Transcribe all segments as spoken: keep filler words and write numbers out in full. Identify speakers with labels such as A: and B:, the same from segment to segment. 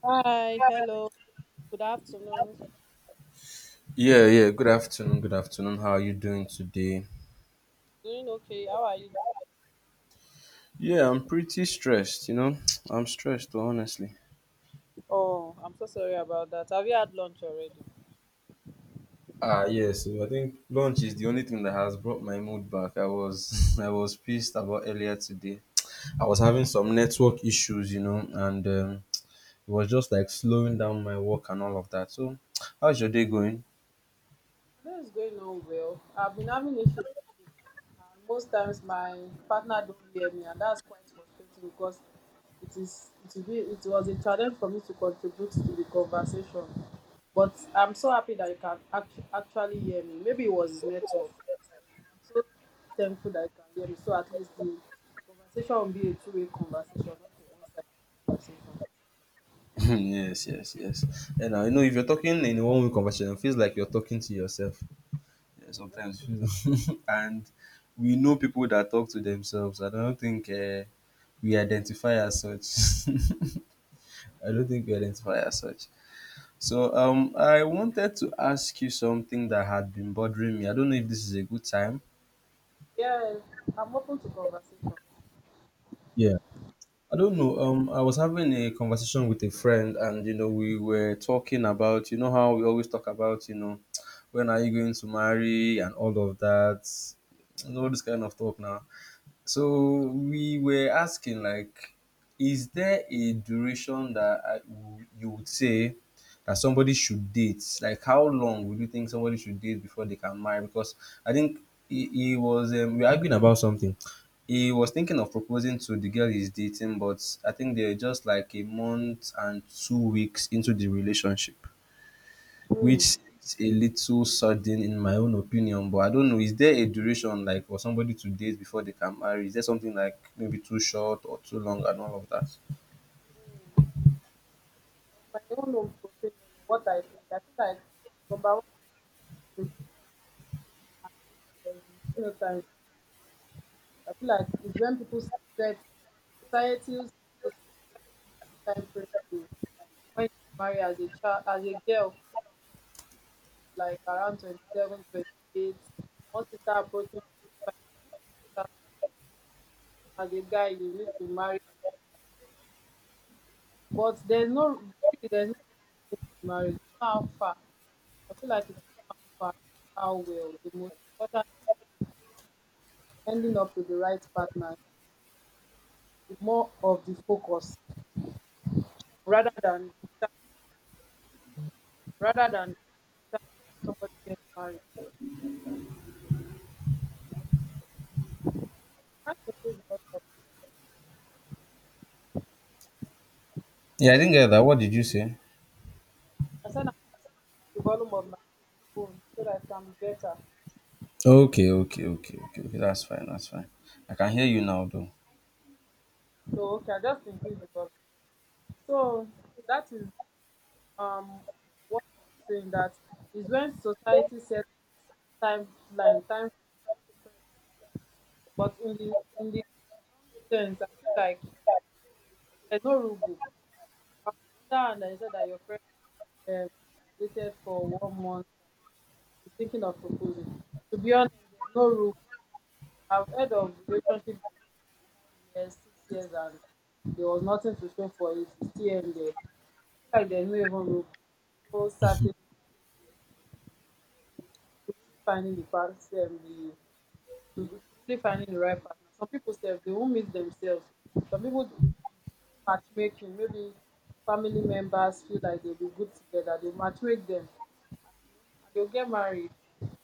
A: Hi, hello, good afternoon.
B: Yeah, yeah. Good afternoon. Good afternoon. How are you doing today?
A: Doing okay? How are you?
B: Yeah, I'm pretty stressed. You know, I'm stressed, honestly.
A: Oh, I'm so sorry about that. Have you had lunch already?
B: Ah, yeah. So I think lunch is the only thing that has brought my mood back. I was, I was pissed about earlier today. I was having some network issues, you know, and um, it was just like slowing down my work and all of that. So, how's your day going?
A: Today is going on well. I've been having issues, and most times my partner don't hear me, and that's quite frustrating because it is it will be it was a challenge for me to contribute to the conversation. But I'm so happy that you can act- actually hear me. Maybe it was his network. I'm so thankful that you can hear me. So at least the conversation will be a two-way conversation, not a one-sided conversation.
B: Yes, yes, yes. And I know if you're talking in a one-way conversation, it feels like you're talking to yourself. Yeah, sometimes and we know people that talk to themselves. I don't think uh, we identify as such. I don't think we identify as such. So um, I wanted to ask you something that had been bothering me. I don't know if this is a good time.
A: Yeah, I'm open to conversation.
B: Yeah. I don't know. Um, I was having a conversation with a friend, and you know, we were talking about, you know, how we always talk about, you know, when are you going to marry and all of that, and all this kind of talk now. So we were asking like, is there a duration that I, w- you would say that somebody should date? Like, how long would you think somebody should date before they can marry? Because I think he, he was um, we were arguing about something. He was thinking of proposing to the girl he's dating, but I think they're just like a month and two weeks into the relationship.
A: Mm. On
B: Which seems a little sudden in my own opinion, but I don't know. Is there a duration like for somebody to date before they can marry? Is there something like maybe too short or too long and all of that?
A: my own own opinion on what I think, I feel like number one, there's no time. I feel like it's when people set society's time frame to when you marry as a child, as a girl, like around twenty seven, twenty eight, twenty-eight, once you start approaching twenty-five, as a guy, you need to marry. But there's no, really, there's no need to how far. I feel like it's how far, how well. The most important ending up with the right partner is more of the focus rather than the time, rather than the time, somebody gets married. I can't increase the volume of my,
B: Yeah, I didn't get that. What did you say?
A: I said I increase the volume of my microphone so that it can be better.
B: Okay, okay, okay, okay, okay. That's fine. That's fine. I can hear you now, though.
A: So okay, I just increase the volume. So that is um what I was saying that is when society sets timeline, time, but in the in the long sense, I feel like there's no rule book. Um, the other hand, I said that your friend um, has dated for one month and is thinking of proposing. To be honest, there's no rule. I've heard of relationships that last five years, six years, and there was nothing to show for it. It's still in there. I feel like there's no even rule. No certain to really finding the person, the to really finding the right partner. Some people say they won't meet themselves. Some people matchmaking, maybe family members feel like they'll be good together, they'll matchmake them, and, you know, and they'll get married.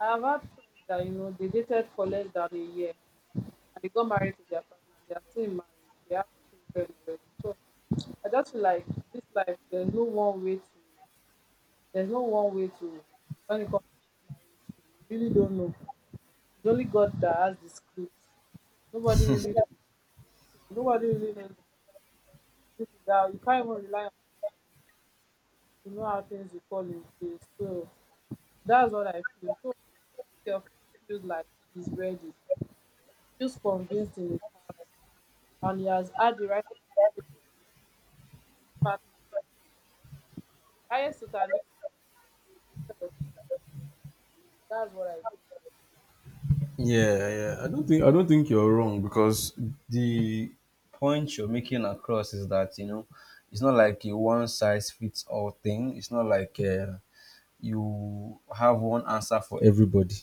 A: I have had friends that, you know, they dated for less than a year and they got married to their partner and they are still in marriage, they have children already. So I just feel like this life, there's no one way to, there's no one way to, when it comes to marriage, you really don't know. It's only God that has the script. Nobody really, nobody really knows. This is how, you can't even rely on you know how things will fall in place. So that's what I feel. So if your friend feels like he's ready, feels convinced in his heart, and he has had the right conversation with his partner, the highest you can do is instead of discourage. That's what I think.
B: Yeah, yeah. I don't think I don't think you're wrong because the point you're making across is that you know it's not like a one size fits all thing. It's not like uh, you have one answer for everybody.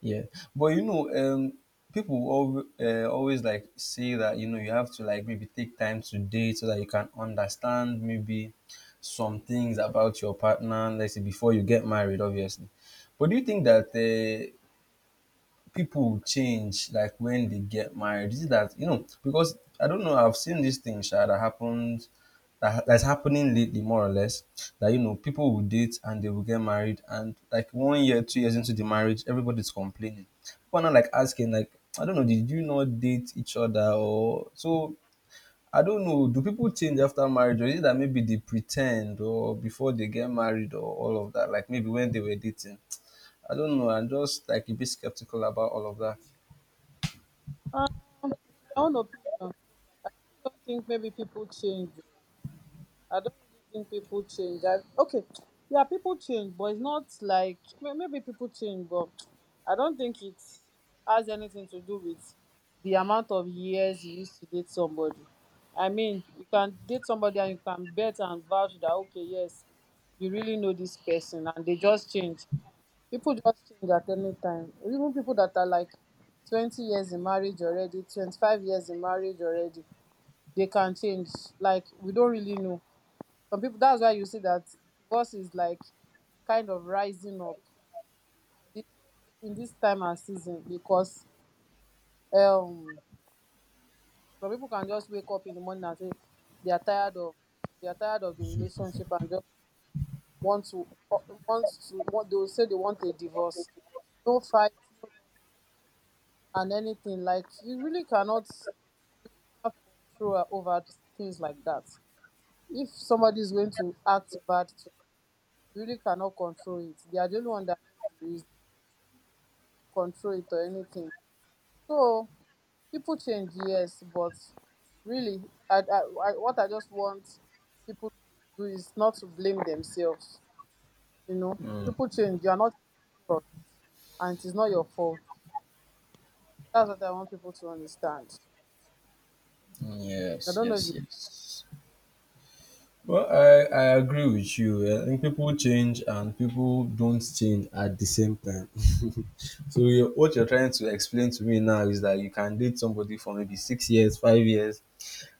B: Yeah, but you know, um, people al- uh, always like say that you know you have to like maybe take time to date so that you can understand maybe some things about your partner. Let's say before you get married, obviously. But do you think that uh, people change like when they get married. Is it that you know? Because I don't know. I've seen this thing, Sha, that happened, that ha- that's happening lately, more or less. That you know, people will date and they will get married, and like one year, two years into the marriage, everybody's complaining. People are not like asking, like, I don't know, did you not date each other or so? I don't know. Do people change after marriage, or is it that maybe they pretend, or before they get married, or all of that? Like maybe when they were dating. I don't know. I'm just like a bit skeptical about all of that.
A: Um, in my own opinion, I really don't think maybe people change. I don't really think people change. I, okay, yeah, people change, but it's not like may- maybe people change, but I don't think it has anything to do with the amount of years you used to date somebody. I mean, you can date somebody and you can bet and vouch that okay, yes, you really know this person, and they just change. People just change at any time. Even people that are like twenty years in marriage already, twenty-five years in marriage already, they can change. Like we don't really know some people. That's why you see that divorce is like kind of rising up in this in this time and season, because um some people can just wake up in the morning and say they are tired of they are tired of the relationship, and just want to uh, want to want they will say they want a divorce, no fight, no, no, and anything. Like, you really cannot have control over things like that. If somebody is going to act bad to, you really cannot control it. They are the only one that knows the reason, control it or anything. So people change, yes, but really, I, I, I, what I just want people to do is not to blame themselves. You know,
B: Mm,
A: people change. You are not in control of it, and it is not your fault. That's what I want people to understand. I
B: yes,
A: don't know if
B: yes,
A: you,
B: yes. Well, I, I agree with you. I think people change and people don't change at the same time. so you what you're trying to explain to me now is that you can date somebody for maybe six years, five years,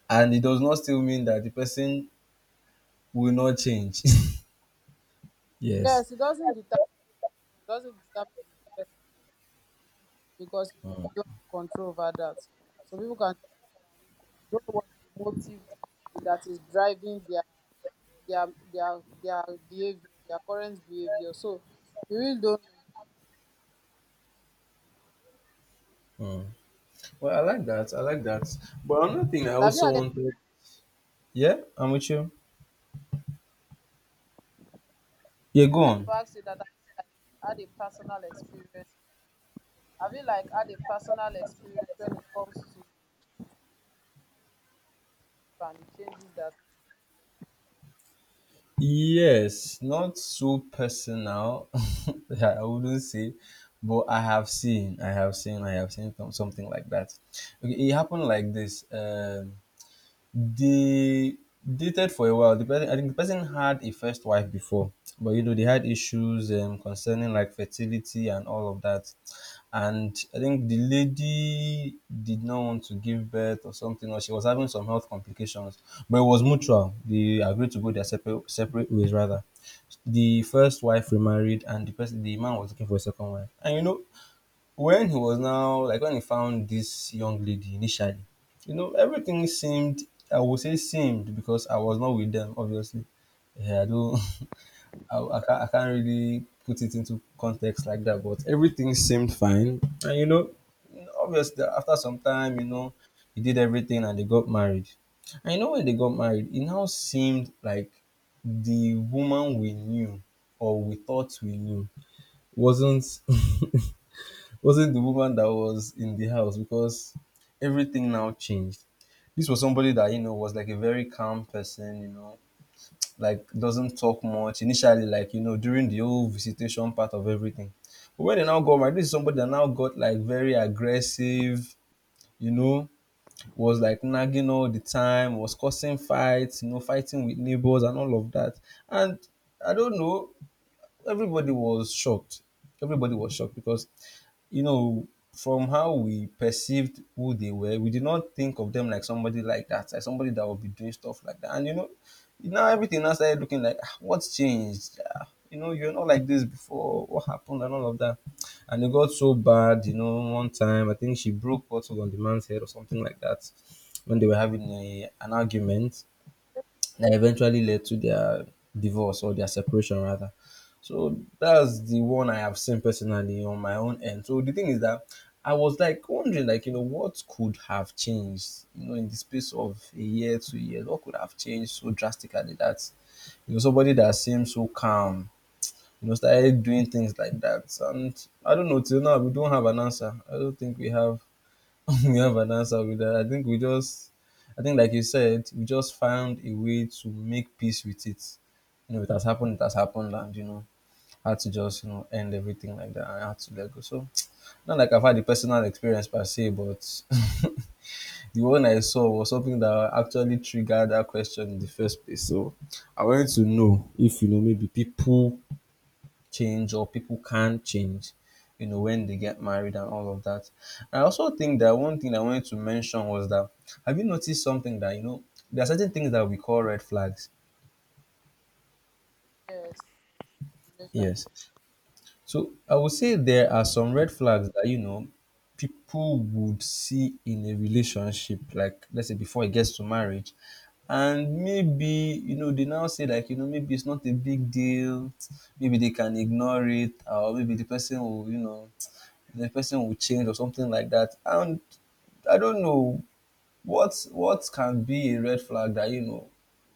B: and it does not still mean that the person will not change. yes.
A: yes, it doesn't determine it doesn't determine the person, because you
B: Mm,
A: really don't have control over that. So people can, you don't know what the motive that is driving their their their their behavior, their current behavior. So you really don't
B: mm. Well, I like that. I like that. But another thing I
A: know. Have you
B: also
A: had? A,
B: wanted. Yeah, I'm with you. Yeah, go
A: I wanted to
B: on.
A: ask you that. Like, had a personal experience. Have you like had a personal experience when it comes to relationship and the changes that,
B: Yes, not so personal. I wouldn't say, but I have seen, I have seen, I have seen some- something like that. Okay, it happened like this. Um, they dated for a while. The person, I think the person had a first wife before, but you know they had issues um, concerning like fertility and all of that. And I think the lady did not want to give birth or something, or she was having some health complications. But it was mutual. They agreed to go their separate separate ways rather. The first wife remarried, and the person, the man was looking for a second wife. And you know, when he was now like when he found this young lady initially, you know everything seemed, I would say seemed, because I was not with them obviously. Yeah, I don't I, I, can't, I can't really put it into context like that, but everything seemed fine, and you know obviously after some time, you know he did everything and they got married. And you know when they got married, it now seemed like the woman we knew, or we thought we knew, wasn't wasn't the woman that was in the house, because everything now changed. This was somebody that you know was like a very calm person, you know, like doesn't talk much initially, like you know, during the whole visitation part of everything. But when they now got married, this is somebody that now got like very aggressive, you know, was like nagging all the time, was causing fights, you know, fighting with neighbors and all of that. And I don't know, everybody was shocked. Everybody was shocked because, you know, from how we perceived who they were, we did not think of them like somebody like that, like somebody that would be doing stuff like that. And you know, now everything now started looking like, "Ah, what's changed. Ah, you know, you're not like this before. What happened, and all of that." And it got so bad, you know. One time, I think she broke bottle on the man's head or something like that when they were having a, an argument that eventually led to their divorce, or their separation rather. So that's the one I have seen personally on my own end. So the thing is that I was like wondering, like, you know, what could have changed, you know, in the space of a year, two years, what could have changed so drastically that, you know, somebody that seemed so calm, you know, started doing things like that. And I don't know, till now, we don't have an answer. I don't think we have we have an answer with that. I think we just, I think like you said, we just found a way to make peace with it. You know, it has happened, it has happened, and you know, had to just you know end everything like that. I had to let go. So not like I've had a personal experience per se, but the one I saw was something that actually triggered that question in the first place. So I wanted to know if you know maybe people change, or people can change, you know, when they get married and all of that. I also think that one thing I wanted to mention was that have you noticed something that, you know, there are certain things that we call red flags.
A: yes, relationship.
B: Yes. So I would say there are some red flags that, you know, people would see in a relationship, like let's say before it gets to marriage. And maybe, you know, they now say like, you know, maybe it's not a big deal, maybe they can ignore it, or maybe the person will, you know, the person will change or something like that. And I don't know what what can be a red flag that you know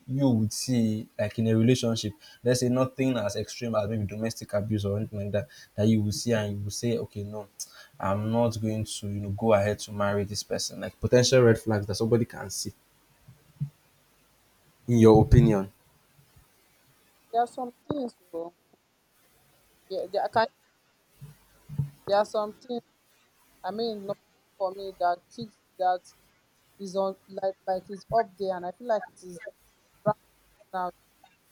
B: you would see like in a relationship. Let's say nothing as extreme as maybe domestic abuse or anything like that that you will see and you will say, okay, no, I'm not going to you know go ahead to marry this person. Like potential red flags that somebody can see. In your opinion?
A: There are some things though. Yeah, there are kind there are some things. I mean number one for me, that things that is on like like is up there, and I feel like it is rampant now,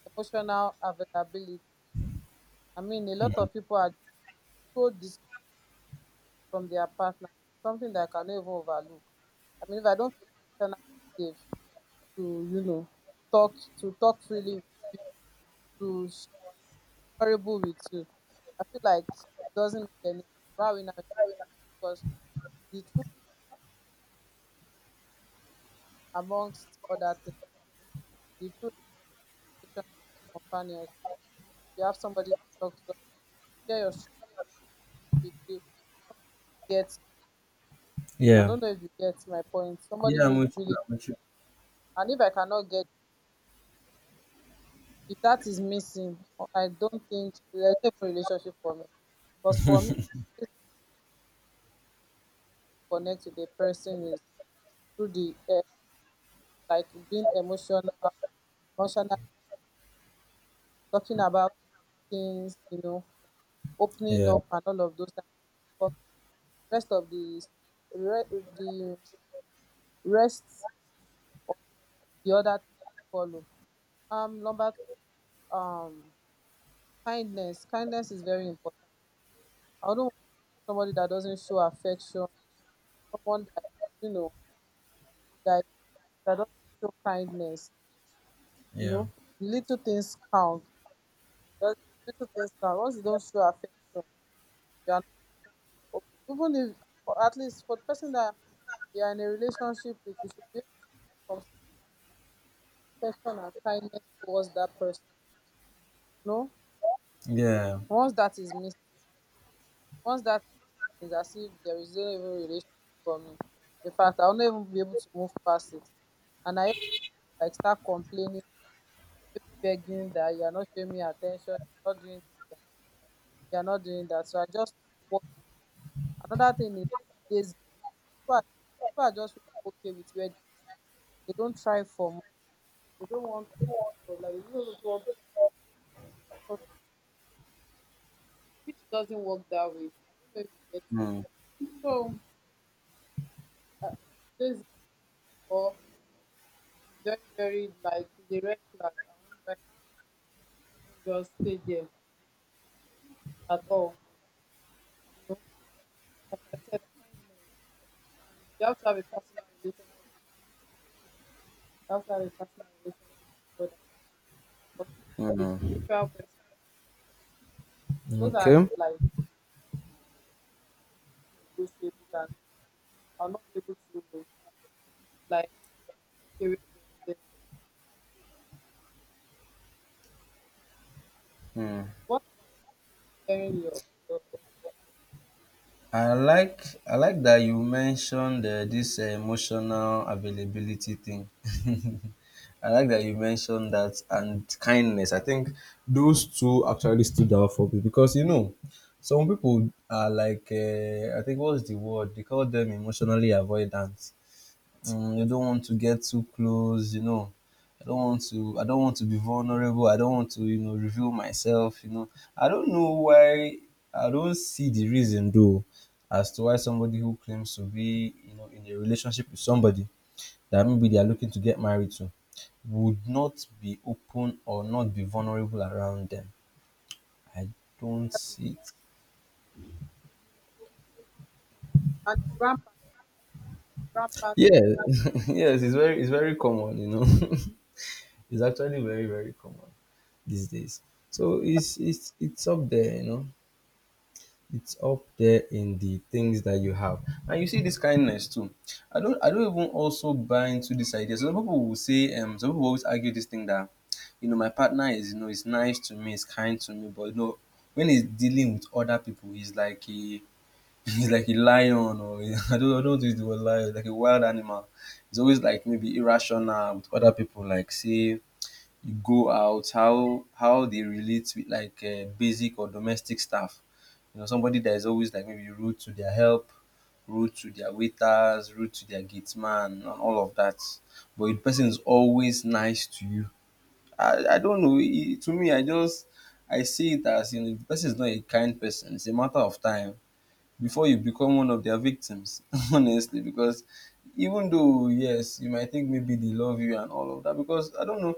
A: emotional availability. I mean, a lot of people are so distant from their partner. It's something that I can never overlook. I mean, if I don't feel emotionally safe to, you know, talk to talk freely with you, to be honorable with you, I feel like it doesn't make any sense. Why we now? Because the truth, amongst other things, the truth is relationship, companionship. You have somebody to talk to, share your story with you. Get, I
B: Yeah.
A: don't know if you get my point. Somebody
B: Yeah, I'm
A: would
B: with
A: really,
B: you. I'm with you.
A: and if I cannot get. If that is missing, I I don't think there's no even relationship for me. Because for me, I always need to connect with the person, is through the uh, like being emotional, emotional, talking about things, you know, opening
B: Yeah.
A: up and all of those. Things. But the rest of the re- the rest, the other things follow. Um, number two, um, kindness. Kindness is very important. I don't want somebody that doesn't show affection. Someone that is, you know, that that doesn't show kindness. You
B: Yeah.
A: know, the little things count. The little things count. Once you don't show affection, you are not open to open. Even if, for, at least for the person that you are in a relationship with, you should be able to show some affection and kindness towards that person. You know,
B: Yeah.
A: once that is missing, once that is, as if there is no even relationship for me. In fact, I'll not even be able to move past it. And I like start complaining, maybe begging that you're not showing me attention, you're not doing this, you're not, you're not doing that. So I just walk away. Another thing is lazy. People are, people are just really okay with where they don't try for more. They don't want more. out of They don't want more, which doesn't work that way. I don't know if you get it.
B: Mm,
A: So uh, this or is very, very like the red flag. I won't I can't even just stay there at all. You know, like I said, kindness, and you have to have a personal relationship Helps have a personal relationship with God, and because it can be a
B: mm,
A: spiritual person. Those are
B: okay.
A: like negotiables, and I'll not be able to like look away from them. Um,
B: Mm.
A: what about sharing your, your
B: I like I like that you mentioned uh, this uh, emotional availability thing. I like that you mentioned that and kindness. I think those two actually stood out for me because you know some people are like uh, I think what's the word they call them, emotionally avoidant. Mm, you don't want to get too close, you know. I don't want to I don't want to be vulnerable. I don't want to, you know, reveal myself, you know. I don't know why I don't see the reason though as to why somebody who claims to be, you know, in a relationship with somebody that maybe they are looking to get married to would not be open or not be vulnerable around them. I don't see it.
A: and it's rampant rampant
B: Yeah. yes, it's very it's very common, you know. it's actually very, very common these days. So it's it's it's up there, you know. It's up there in the things that you have. And you see this kindness too. I don't I don't even also buy into this idea. Some people will say, um, some people always argue this thing that you know my partner is, you know, is nice to me, is kind to me, but, you know, when he's dealing with other people, he's like a he's like a lion, or I don't I don't want to use the word lion, like a wild animal. He's always like maybe irrational with other people, like say go out, how how they relate with like uh, basic or domestic staff. You know, somebody that is always like maybe rude to their help, rude to their waiters, rude to their gate man, and all of that. But the person is always nice to you. I, I don't know. It, to me, I just I see it as, you know, the person is not a kind person. It's a matter of time before you become one of their victims, honestly, because even though yes, you might think maybe they love you and all of that, because I don't know,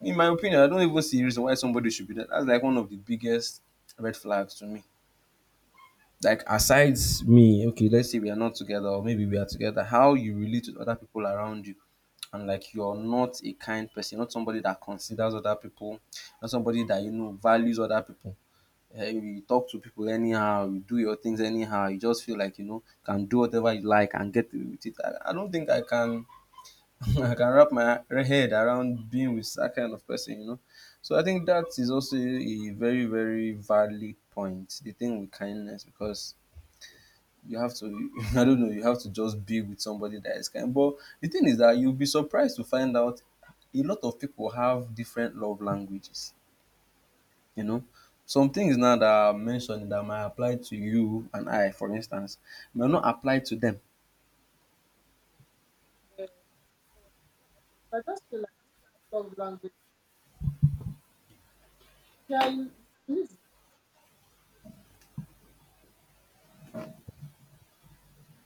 B: in my opinion, I don't even see a reason why somebody should be that. That's like one of the biggest red flags to me. Like aside me, okay, let's say we are not together, or maybe we are together, how you relate to other people around you. And like you're not a kind person, not somebody that considers other people, not somebody that you know values other people. Eh, you talk to people anyhow, you do your things anyhow, you just feel like you know can do whatever you like and get away with it. I, I don't think I can I can wrap my head around being with that kind of person, you know. So I think that is also a very, very valid point. The thing with kindness, because you have to, I don't know, you have to just be with somebody that is kind. But the thing is that you'll be surprised to find out a lot of people have different love languages, you know. Some things now that are mentioned that might apply to you and I, for instance, may not apply to them.
A: there. So I just feel like this love language, yeah, you, you need to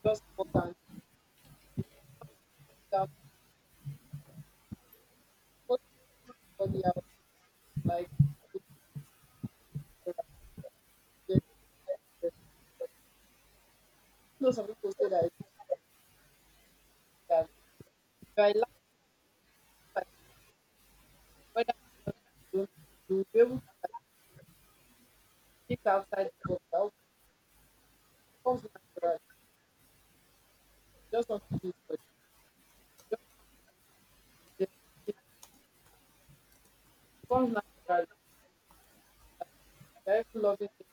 A: just walk, and you don't have to sit down. You're not supposed to teach somebody else like if you are a rejected person. You know some people say that it's if I like. like whether you tell you or you don't, will be able to like think outside the box. That comes naturally. You just want to do it for them. Just them do things. It comes naturally. That, they're even loving them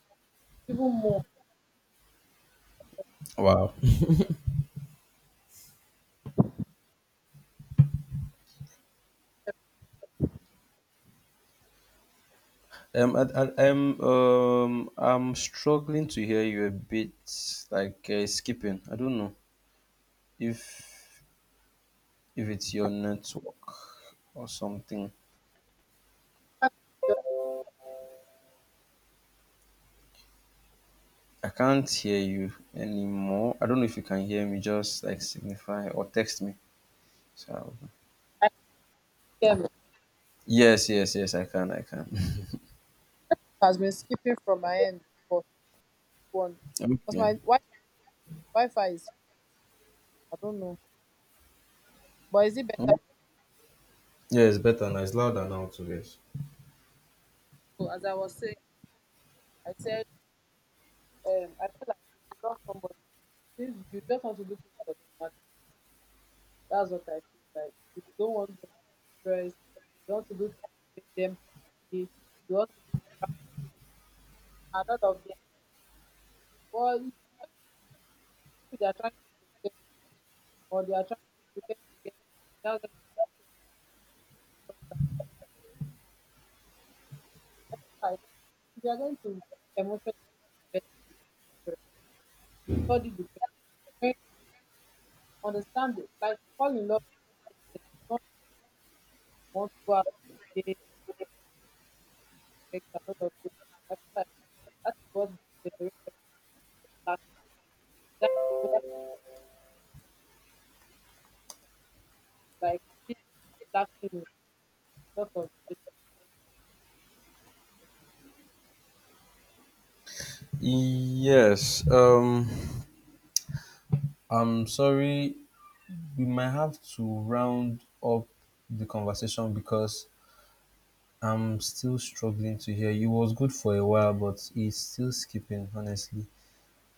A: even more.
B: Wow.
A: In
B: Um, I, I, I'm um, I'm struggling to hear you a bit, like uh, skipping. I don't know if if it's your network or something.
A: fact, the
B: I can't hear you anymore. I don't know if you can hear me. Just like signify or text me. So I'll-
A: I P M
B: yes, yes, yes. I can. I can.
A: has been skipping from my end for one, because
B: Okay.
A: my wi- Wi-Fi is, I don't know, but is it better?
B: Yeah, it's better now. It's louder now too. Yes.
A: So as I was saying, I said um I feel like if you love somebody, if you just want to do things for them. That's what I feel like. You don't want them to be stressed. You want to do things to make them happy. You want to be around, a lot of those things. But it's very, people they are trying to pretend or they are trying to pretend to get something. Now that they start saying your love language. Something like that. I feel like if you are going to emotionally invest in yourself, study the person, understand it, like fall in love with the person, not want to go out and engage, sex, a lot of those things. I feel like that is what this generation is lacking. That emotion, like really lacking in a lot of
B: Yes. Um, I'm sorry. We might have to round up the conversation because I'm still struggling to hear. It was good for a while, but it's still skipping, honestly.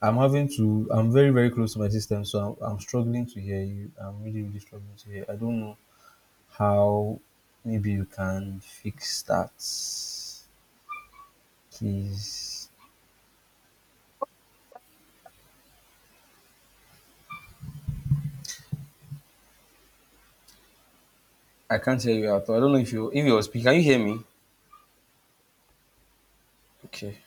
B: I'm having to, I'm very, very close to my system, so I'm, I'm struggling to hear you. I'm really, really struggling to hear. I don't know how maybe you can fix that. Please. I can't hear you at all. I don't know if you, if you're speaking. Can you hear me? Okay.